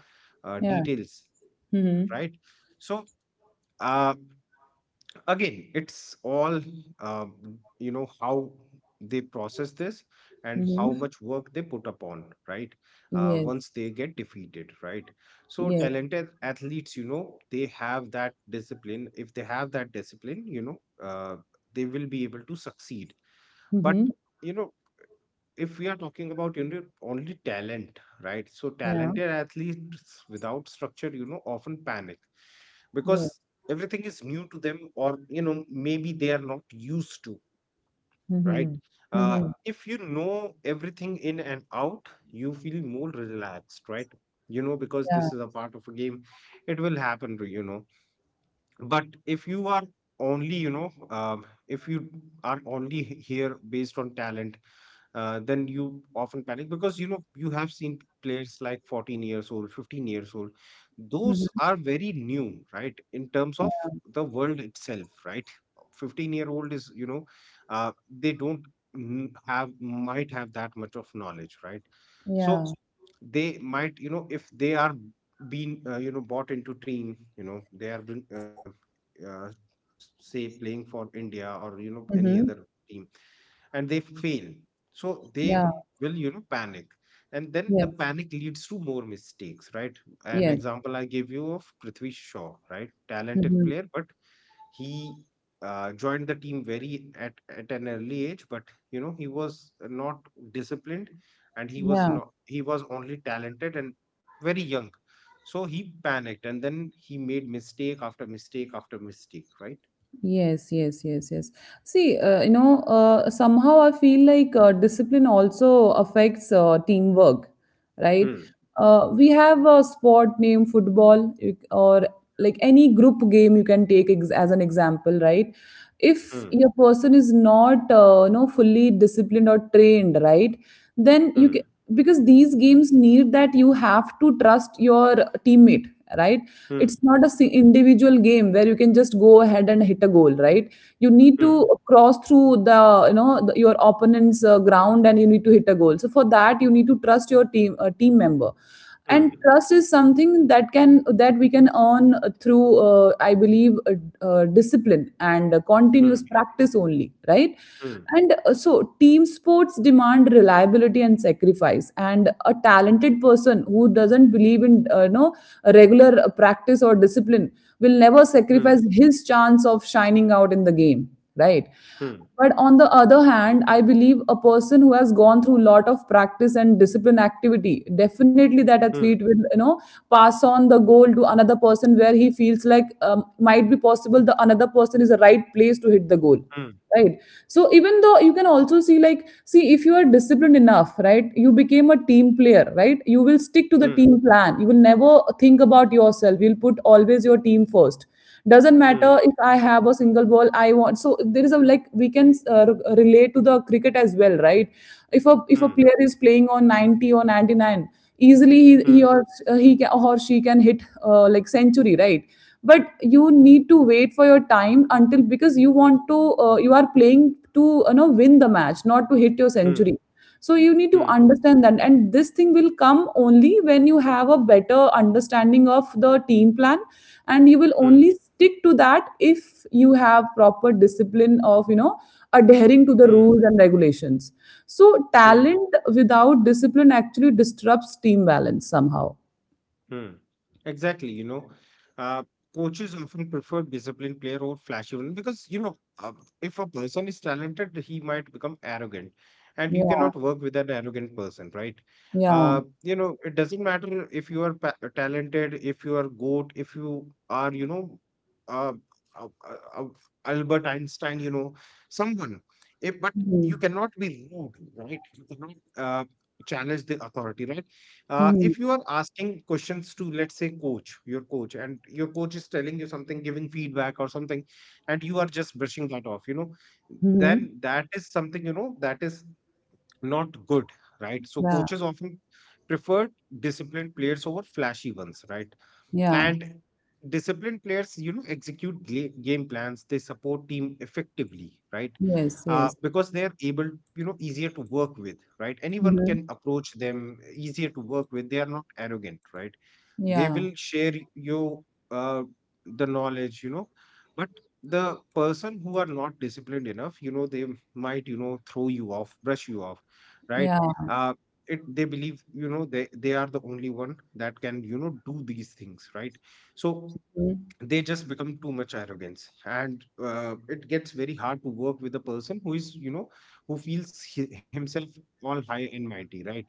Yeah.
details,
Mhm.
right? So, uh again, it's all, you know, how they process this and
Mhm.
how much work they put upon, right?
Yes.
Once they get defeated, right? So
Yes.
talented athletes, you know, they have that discipline. If they have that discipline, you know, uh, they will be able to succeed. But,
Mhm.
you know, if we are talking about, you know, only talent, right? So
Yeah.
talented athletes without structure, you know, often panic
Yes.
because everything is new to them, or, you know, maybe they are not used to, right?
Mhm.
uh,
Mhm.
if you know everything in and out, you feel more relaxed, right? You know, because
Yeah.
this is a part of a game, it will happen, to you know. But if you are only you know if you are only here based on talent, then you often panic because, you know, you have seen players like 14 years old, 15 years old.
Mhm.
Those are very new, right, in terms of
Yeah.
the world itself, right? 15-year-old is, you know, they don't have, might have that much of knowledge, right?
Yeah.
So they might, you know, if they are being, you know, bought into team, you know, they are been, uh, say, playing for India, or, you know, any
Mhm.
other team, and they fail, so they
Yeah.
will, you know, panic, and then the
Yes.
panic leads to more mistakes, right? An
Yes.
example I gave you of Prithvi Shaw, right? Talented
Mhm.
player, but he, joined the team very at an early age. But, you know, he was not disciplined, and he was
Yeah.
not he was only talented and very young. So he panicked, and then he made mistake after mistake after mistake, right?
Yes, yes, yes, yes. See, you know, somehow I feel like discipline also affects teamwork, right?
Hmm.
uh, We have a sport name football or like any group game you can take as an example, right? If
Hmm.
your person is not, you know, fully disciplined or trained, right? Then
Hmm.
you can, because these games need that you have to trust your teammate, right?
Hmm.
It's not a individual game where you can just go ahead and hit a goal, right? You need to
Hmm.
cross through the you know the, your opponent's ground and you need to hit a goal. So for that, you need to trust your team member, and
Hmm.
trust is something that can that we can earn through I believe discipline and continuous
Hmm.
practice only, right?
Hmm.
And so, team sports demand reliability and sacrifice. And a talented person who doesn't believe in regular practice or discipline will never
Hmm.
sacrifice his chance of shining out in the game, right?
Hmm.
But on the other hand, I believe a person who has gone through a lot of practice and discipline activity, definitely that athlete
Hmm.
will, you know, pass on the goal to another person where he feels like might be possible the another person is the right place to hit the goal, right? So even though you can also see if you are disciplined enough, right, you became a team player, right, you will stick to the
Hmm.
team plan, you will never think about yourself, you'll put always your team first. Doesn't matter
Hmm.
if I have a single ball I want. So there is a, like, we can relate to the cricket as well, right? If a
Hmm.
player is playing on 90 or 99, easily he or he can, or she can hit, like, century, right? But you need to wait for your time until, because you want to you are playing to, you know, win the match, not to hit your
Hmm. Hmm.
century. So you need to
Hmm.
understand that, and this thing will come only when you have a better understanding of the team plan, and you will
Hmm. Hmm.
only stick to that if you have proper discipline of, you know, adhering to the
Hmm.
rules and regulations. So
Hmm.
talent without discipline actually disrupts team balance somehow.
Hmm. Exactly. You know, uh, coaches often prefer disciplined player over flashy one because, you know, uh, if a person is talented, he might become arrogant, and you
Yeah,
cannot work with an arrogant person, right?
yeah.
You know, it doesn't matter if you are talented, if you are goat, if you are, you know, uh, uh, uh, uh, Albert Einstein, you know, someone. If, but you
Mhm.
cannot be rude, right? You cannot, challenge the authority, right?
Mhm.
If you are asking questions to, let's say, coach, your coach, and your coach is telling you something, giving feedback or something, and you are just brushing that off, you know,
Mhm.
then that is something, you know, that is not good, right? So
Yeah,
coaches often prefer disciplined players over flashy ones, right?
yeah.
And disciplined players, you know, execute game plans. They support team effectively, right?
Yes, yes.
Because they are able, you know, easier to work with, right? Anyone
Mhm.
can approach them, easier to work with. They are not arrogant, right? They
Yeah,
will share you, uh, the knowledge, you know. But the person who are not disciplined enough, you know, they might, you know, throw you off, brush you off, right?
yeah.
uh, it, they believe, you know, they are the only one that can, you know, do these things, right? So
Mhm.
they just become too much arrogance, and it gets very hard to work with a person who is, you know, who feels himself all high and mighty, right?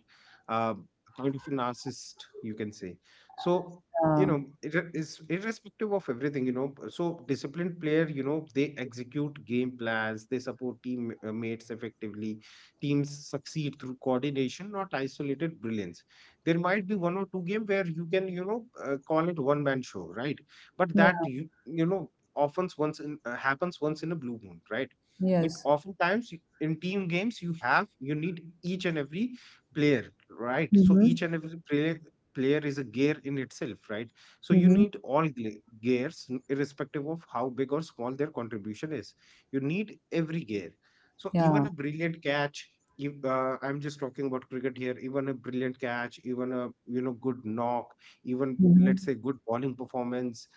uh, Kind of a narcissist, you can say. So, you
Yeah,
know, it's irrespective of everything, you know. So disciplined player, you know, they execute game plans, they support team, mates effectively. Teams succeed through coordination, not isolated brilliance. There might be one or two game where you can, you know, call it one man show, right? But that,
yeah.
you know, often once in happens once in a blue moon, right? But
Yes.
oftentimes, in team games, you need each and every player, right? So
Mhm.
each and every player is a gear in itself, right? So you
Mhm.
need all gears, irrespective of how big or small their contribution is, you need every gear. So even
Yeah.
a brilliant catch, you, I'm just talking about cricket here, even a brilliant catch, even a, you know, good knock, even,
Mhm.
let's say, good bowling performance,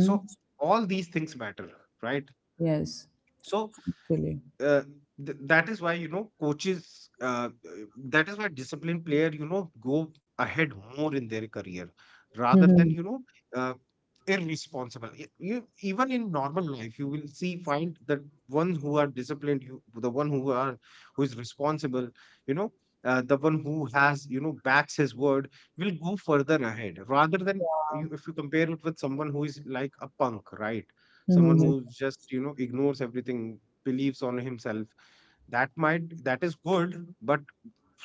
so all these things matter, right?
Yes,
So,
actually.
uh, that is why, you know, coaches that is why disciplined player, you know, go ahead more in their career, rather than,
Mhm.
you know, uh, irresponsible. You, even in normal life, you will see find that ones who are disciplined, you the one who are who is responsible, you know, the one who has, you know, backs his word, will go further ahead rather than you if you compare it with someone who is like a punk, right? Someone who
Mhm.
just, you know, ignores everything, believes on himself, that is good, but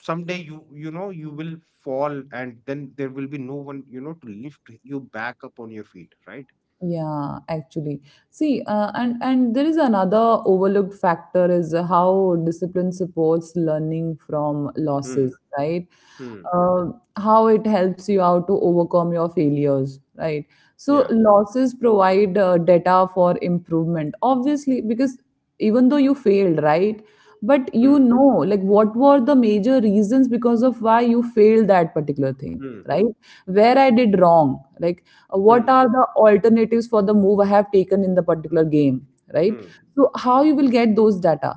someday you will fall, and then there will be no one, you know, to lift you back up on your feet, right?
Yeah, actually. See, and there is another overlooked factor is how discipline supports learning from
Hmm.
losses, right?
Hmm.
Uh, how it helps you out to overcome your failures, right? So
Yeah.
losses provide data for improvement, obviously, because even though you failed, right, but you
Hmm.
know, like, what were the major reasons because of why you failed that particular thing,
Hmm.
right? Where I did wrong, like, what
Hmm.
are the alternatives for the move I have taken in the particular game, right?
Hmm.
So how you will get those data?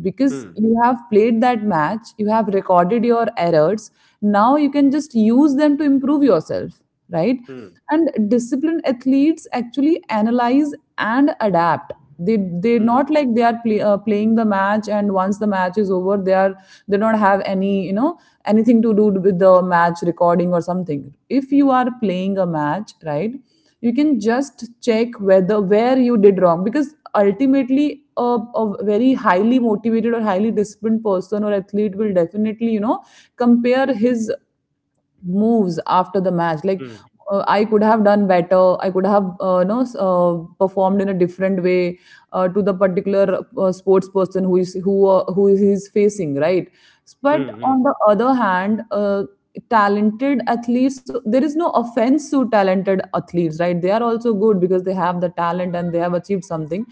Because you have played that match, you have recorded your errors, now you can just use them to improve yourself, right?
Hmm.
And disciplined athletes actually analyze and adapt. They they're
Hmm.
not like they are playing the match, and once the match is over, they are they don't have any, you know, anything to do with the match recording or something. If you are playing a match, right, you can just check whether where you did wrong, because ultimately a very highly motivated or highly disciplined person or athlete will definitely, you know, compare his moves after the match, like,
Hmm.
I could have done better, I could have, you know, performed in a different way to the particular sports person who is he's facing, right? But
Hmm. Hmm.
on the other hand, talented athletes, so there is no offense to talented athletes, right, they are also good because they have the talent and they have achieved something.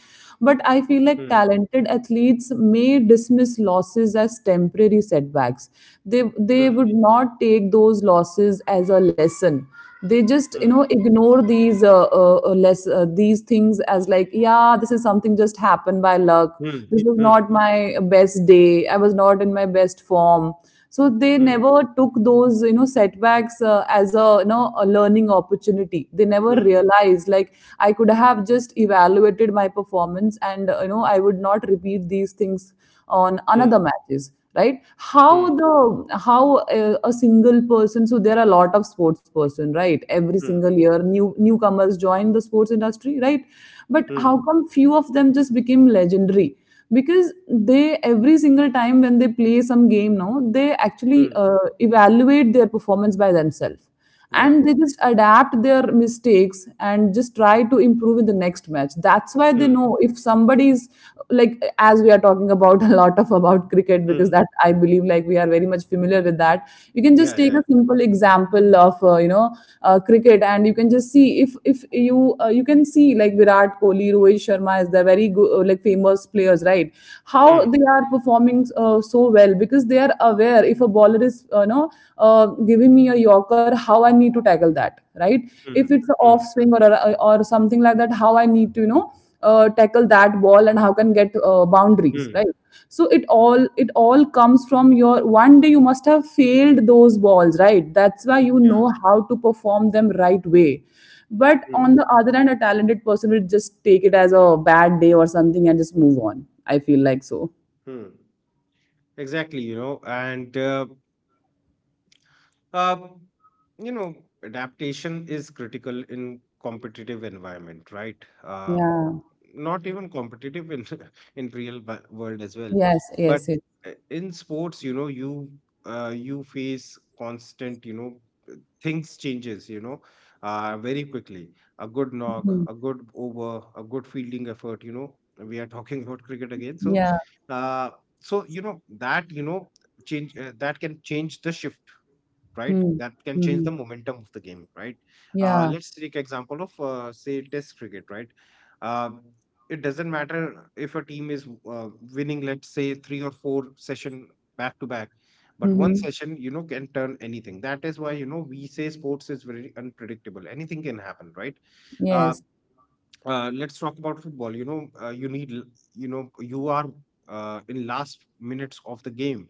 But I feel like
Hmm.
talented athletes may dismiss losses as temporary setbacks. They would not take those losses as a lesson. They just, you know,
Hmm.
ignore these less these things as like, yeah, this is something just happened by luck.
Hmm.
This was
Hmm.
not my best day, I was not in my best form. So they
Hmm.
never took those, you know, setbacks as a, you know, a learning opportunity. They never
Hmm.
realized like, I could have just evaluated my performance and, you know, I would not repeat these things on
Hmm. Hmm.
another matches, right? How
Hmm.
the a single person, so there are a lot of sports person, right, every
Hmm.
single year newcomers join the sports industry, right? But how
Hmm.
come few of them just became legendary? Because they every single time when they play some game now, they actually
Hmm.
evaluate their performance by themselves,
Yeah.
and they just adapt their mistakes and just try to improve in the next match. That's why they
Hmm.
know, if somebody is, like, as we are talking about *laughs* a lot of about cricket because
Hmm.
that I believe like we are very much familiar with that, you can just
Yeah.
take a
Yeah.
simple example of, you know, cricket, and you can just see, if you you can see like Virat Kohli, Rohit Sharma is the very good, like, famous players, right? How
Hmm.
they are performing so well? Because they are aware, if a bowler is, you know, giving me a yorker, how I need to tackle that, right? If
Hmm.
it's an off
Hmm.
swing or or something like that, how I need to, you know, tackle that ball and how can get boundaries,
Hmm.
right? So it all comes from your one day you must have failed those balls, right? That's why you
Yeah.
know how to perform them right way. But on
Hmm.
the other hand, a talented person will just take it as a bad day or something and just move on, I feel like. So
Hmm. Exactly, you know, and, uh, you know, adaptation is critical in competitive environment, right?
yeah.
Not even competitive, in *laughs* in real world as well,
Yes,
but,
yes, yes.
in sports, you know, you face constant, you know, things changes, you know, very quickly. A good knock,
Mhm.
a good over, a good fielding effort, you know, we are *laughs* talking about cricket again. So,
Yeah.
uh, so you know that, you know, change that can change the shift, right?
Mm,
That can change the
mhm.
momentum of the game, right?
Yeah.
Let's take example of, say, test cricket, right? Um it doesn't matter if a team is, uh, winning, let's say, three or four session back to back, but one
Mhm.
session, you know, can turn anything. That is why, you know, we say sports is very unpredictable, anything can happen, right? uh,
Yes.
let's talk about football. You know, you are, in last minutes of the game,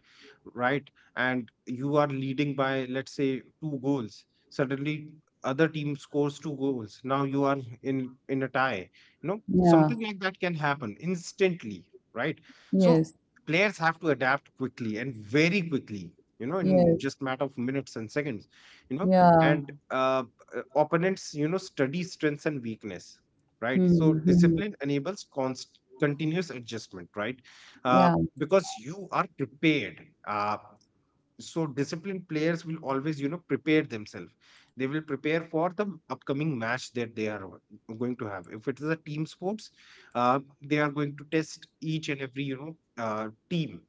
right? And you are leading by, let's say, two goals. Suddenly, other team scores two goals. Now you are in a tie. You know,
Yeah.
something like that can happen instantly, right? So
Yes.
players have to adapt quickly and very quickly. You know, in
Yes.
just matter of minutes and seconds. You know,
Yeah.
and Opponents, you know, study strengths and weakness, right? So
Mhm. Mhm.
discipline enables const- continuous adjustment, right? Uh,
Yeah.
because you are prepared. So disciplined players will always, you know, prepare themselves. They will prepare for the upcoming match that they are going to have. If it is a team sports, they are going to test each and every, you know, team,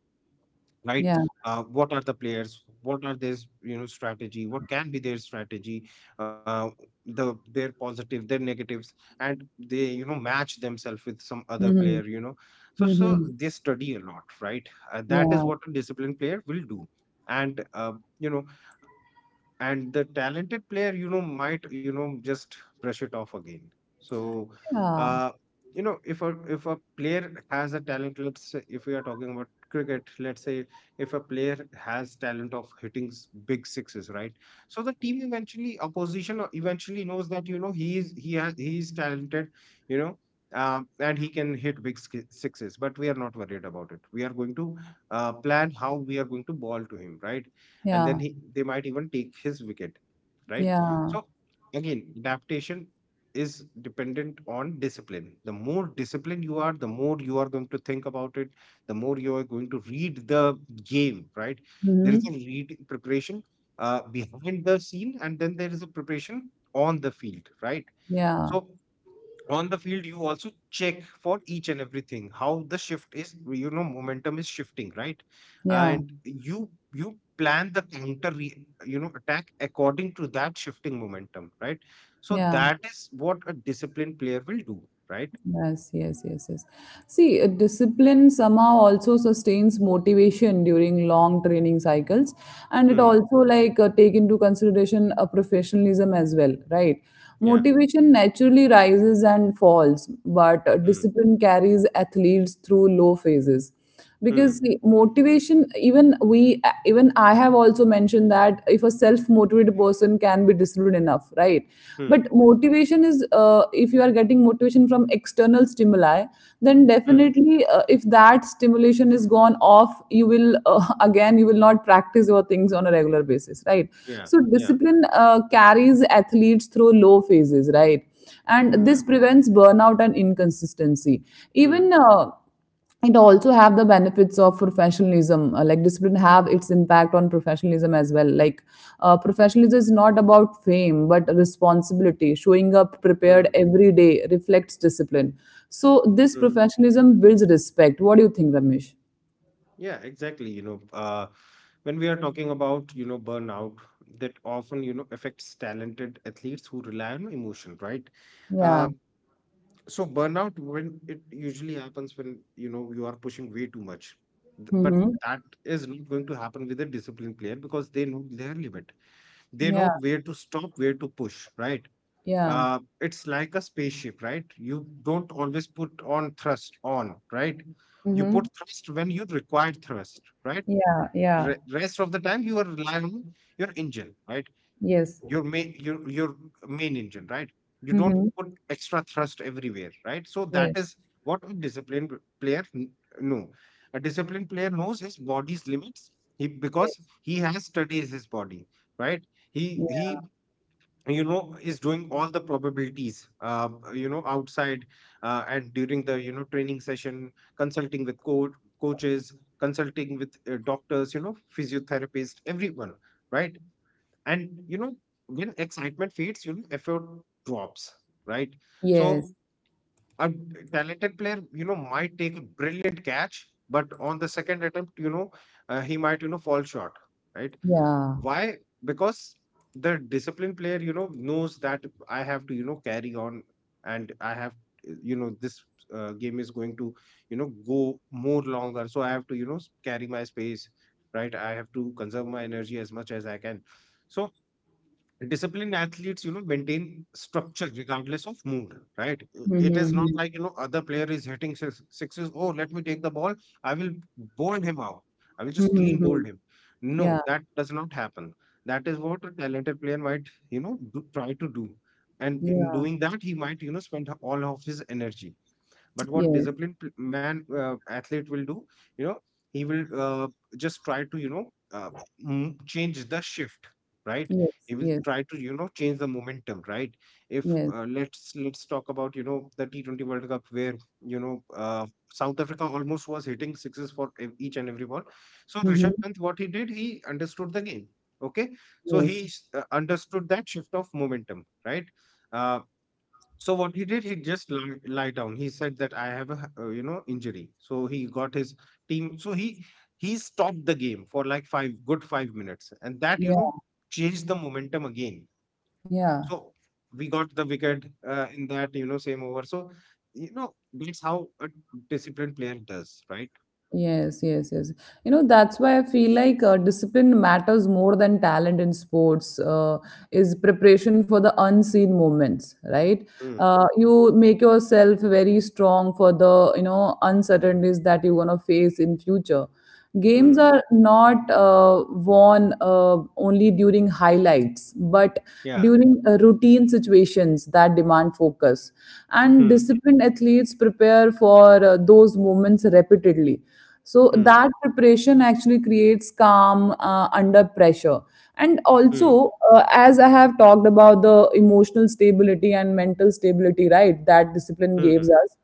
right.
Yeah.
What are the players, what are their, you know, strategy? What can be their strategy, uh, the their positive, their negatives? And they, you know, match themselves with some other
Mhm.
player, you know. So
Mhm.
they study a lot, right. That is
Yeah.
what a disciplined player will do. And you know, and the talented player, you know, might, you know, just brush it off again. So
Yeah.
uh you know, if a player has a talent, let's say if we are talking about cricket, let's say if a player has talent of hitting s- big sixes, right. So the team eventually, opposition eventually knows that, you know, he is talented, you know. And he can hit big ski- sixes, but we are not worried about it. We are going to plan how we are going to ball to him, right. And then
Yeah.
he they might even take his wicket, right.
Yeah.
So again, adaptation is dependent on discipline. The more disciplined you are, the more you are going to think about it, the more you are going to read the game, right. There is a
Mhm.
read preparation behind the scene, and then there is a preparation on the field, right.
Yeah.
So on the field, you also check for each and everything, how the shift is, you know, momentum is shifting, right.
Yeah.
And you plan the counter re, you know, attack according to that shifting momentum, right. So
Yeah.
that is what a disciplined player will do, right.
Yes, yes, yes, yes. See, discipline somehow also sustains motivation during long training cycles, and it
Hmm.
also, like, take into consideration a professionalism as well, right?
Yeah.
Motivation naturally rises and falls, but
Hmm.
discipline carries athletes through low phases because
Hmm.
the motivation, even we even I have also mentioned that if a self motivated person can be disciplined enough, right? But
Hmm.
motivation is, if you are getting motivation from external stimuli, then
Hmm.
definitely, if that stimulation is gone off, you will, *laughs* again you will not practice your things on a regular basis, right?
Yeah.
So
Yeah.
discipline carries athletes through low phases, right, and this
Yeah.
prevents burnout and inconsistency. Even,
Hmm.
it also have the benefits of professionalism, like discipline have its impact on professionalism as well. Like, professionalism is not about fame but responsibility. Showing up prepared
Hmm.
every day reflects discipline. So this
Hmm.
professionalism builds respect. What do you think, Ramesh?
Yeah, exactly. When we are talking about, you know, burnout, that often, you know, affects talented athletes who rely on emotion, right?
Yeah.
Uh, so burnout, when it usually happens when, you know, you are pushing way too much. Th- But
Mm-hmm.
that is not going to happen with a disciplined player because they know their limit. They
Yeah,
know where to stop, where to push, right?
yeah.
It's like a spaceship, right? You don't always put on thrust on, right? You
Mm-hmm.
put thrust when you require thrust, right?
Yeah, yeah.
re- rest of the time you are relying on your engine, right.
Yes.
Your main, your main engine, right. You don't
Mm-hmm.
put extra thrust everywhere, right. So that
Yes,
is what a disciplined player kn- know. A disciplined player knows his body's limits. He,
yes.
because he has studied his body, right. he
Yeah.
he you know, is doing all the probabilities, you know, outside and during the, you know, training session, consulting with co- coaches, consulting with doctors, you know, physiotherapists, everyone, right. And you know, when excitement fades, you know, effort drops, right. So
Yes.
a talented player, you know, might take a brilliant catch, but on the second attempt, you know, he might, you know, fall short, right.
Yeah.
Why? Because the disciplined player, you know, knows that I have to, you know, carry on, and I have, you know, this game is going to, you know, go more longer. So I have to, you know, s- carry my space, right? I have to conserve my energy as much as I can. So disciplined athletes, you know, maintain structure regardless of mood, right. I- it is not
Mm-hmm.
like, you know, other player is hitting six, sixes, oh, let me take the ball, I will bowl him out, I will just
Mm-hmm.
clean
Mm-hmm.
bowl him.
Yeah,
No, that does not happen. That is what a talented player might, you know, do, try to do, and in
yeah.
doing that, he might, you know, spend all of his energy. But what
Yes.
disciplined pl- man athlete will do, you know, he will just try to, you know, m- change the shift, right? He
Yes,
will
yes,
try to, you know, change the momentum, right? If
yes.
let's let's talk about, you know, the T20 World Cup where you know South Africa almost was hitting sixes for ev- each and every ball. So Rishabh
Hmm.
Pant, what he did, he understood the game. Okay, so he
Yes.
s- understood that shift of momentum, right? Uh, so what he did, he just lie, lie down. He said that I have a h- you know, injury. So he got his team. So he stopped the game for like five good 5 minutes, and that, you
Yeah,
know, changed the momentum again.
yeah.
So we got the wicket in that, you know, same over. So you know, that's how a disciplined player does, right?
Yes, yes, yes. You know, that's why I feel like discipline matters more than talent in sports. Is preparation for the unseen moments, right?
Hmm.
You make yourself very strong for the, you know, uncertainties that you're going to face in future. Games
Hmm.
are not won only during highlights, but
Yeah.
during routine situations that demand focus. And
Hmm.
disciplined athletes prepare for those moments repeatedly. So
Hmm.
that preparation actually creates calm under pressure. And
Hmm.
also, as I have talked about the emotional stability and mental stability, right, that discipline
Hmm.
gives us,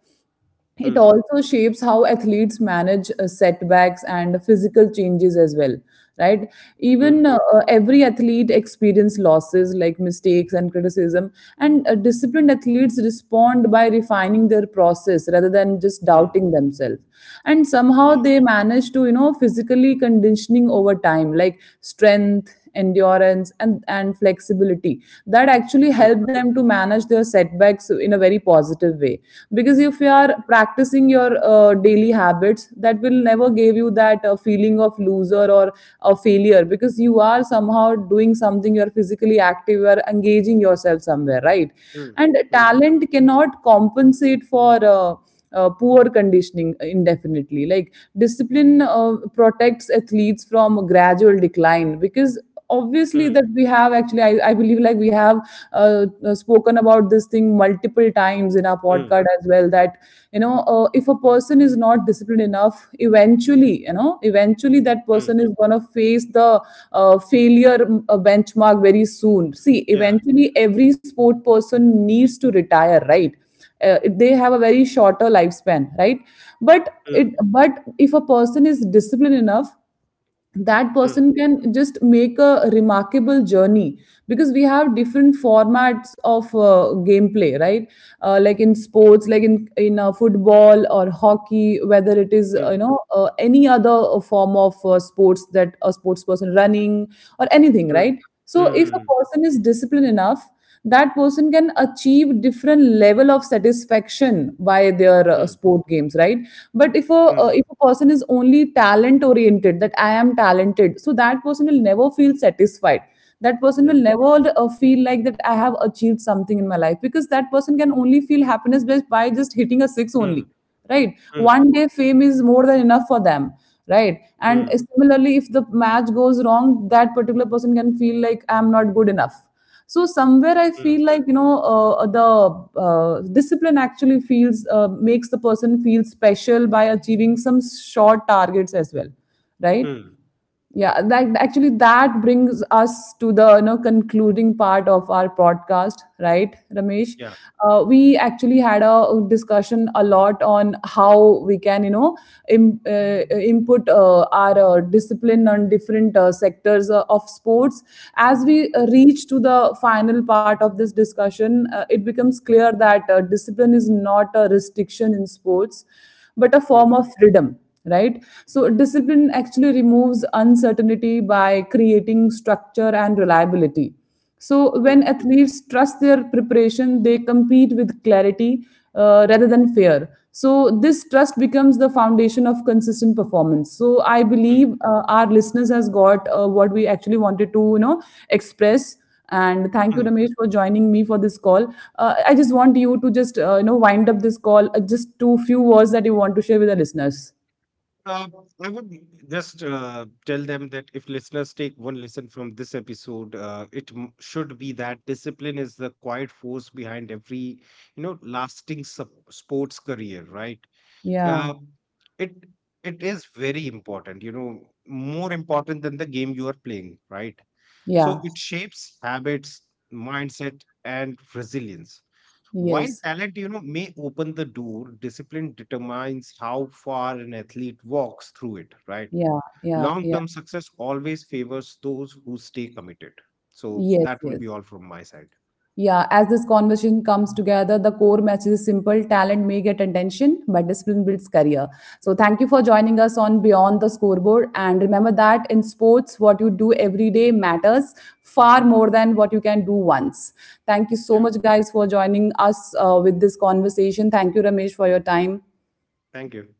Hmm.
it also shapes how athletes manage setbacks and physical changes as well, right?
Hmm.
Even, every athlete experience losses, like mistakes and criticism, and disciplined athletes respond by refining their process rather than just
Hmm.
doubting themselves. And
Yeah.
somehow they manage to, you know, physically conditioning over time, like strength, endurance and flexibility, that actually
Hmm.
help them to manage their setbacks in a very positive way. Because if
Yeah.
you are practicing your daily habits, that will never give you that feeling of loser or a failure, because you are somehow doing something, you're physically active, you're engaging yourself somewhere, right?
Hmm.
And
Hmm.
talent cannot compensate for poor conditioning indefinitely. Like, discipline protects athletes from gradual decline. Because
Hmm.
obviously that we have actually, I believe like we have spoken about this thing multiple times in our
Hmm.
podcast as well, that you know, if a person is not disciplined enough, eventually, you know, eventually that
Hmm.
person is going to face the failure benchmark very soon. See,
Yeah.
eventually every sport person needs to retire, right? They have a very shorter lifespan, right? but it
Mm,
but if a person is disciplined enough, that
mm,
person can just make a remarkable journey, because we have different formats of gameplay, right? Like in sports, like in football or hockey, whether it is,
mm,
you know, any other form of sports that a sports person running or anything,
mm,
right? So if a
mm,
person is disciplined enough, that person can achieve different level of satisfaction by their
mm, mm,
sport games, right? But if a,
mm,
if a person is only talent oriented, that I am talented, so that person will never feel satisfied. That person
yeah,
will never feel like that I have achieved something in my life, because that person can only feel happiness just by just hitting a six
mm,
only, right?
mm,
One day fame is more than enough for them, right? And
mm,
similarly, if the match goes wrong, that particular person can feel like I'm not good enough. So somewhere I
mm,
feel like, you know, the discipline actually feels, makes the person feel special by achieving some short targets as well, right?
mm,
Yeah, that actually, that brings us to the, you know, concluding part of our podcast, right, Ramesh?
yeah,
We actually had a discussion a lot on how we can, you know, input our discipline on different sectors of sports. As we
mm,
reach to the final part of this discussion, it becomes clear that discipline is not a restriction in sports but a form
mm,
of freedom, right? So discipline actually removes uncertainty by creating structure and reliability. So when
mm,
athletes trust their preparation, they compete with clarity, rather than fear. So this trust becomes the foundation of consistent performance. So I
mm,
believe our listeners has got what we actually wanted to, you know, express. And thank you,
mm.
Ramesh, for joining me for this call. I just want you to just, you know, wind up this call, just two few words that you want to share with the listeners.
Uh, I would just tell them that if listeners take one lesson from this episode, it m- should be that discipline is the quiet force behind every, you know, lasting sup sports career, right?
Yeah,
Uh, it it is very important, you know, more important than the game you are playing, right? So
yeah,
it shapes habits, mindset, and resilience. While
yes,
talent, you know, may open the door, discipline determines how far an athlete walks through it, right?
yeah, yeah, yeah,
Long-term success always favors those who stay committed. So
yes,
that will
yes.
be all from my side.
Yeah, as this conversation comes together, the core message is simple: talent may get attention, but discipline builds career. So, thank you for joining us on Beyond the Scoreboard. And remember that in sports, what you do every day matters far more than what you can do once. Thank you so
Yeah.
much, guys, for joining us with this conversation. Thank you, Ramesh, for your time.
Thank you.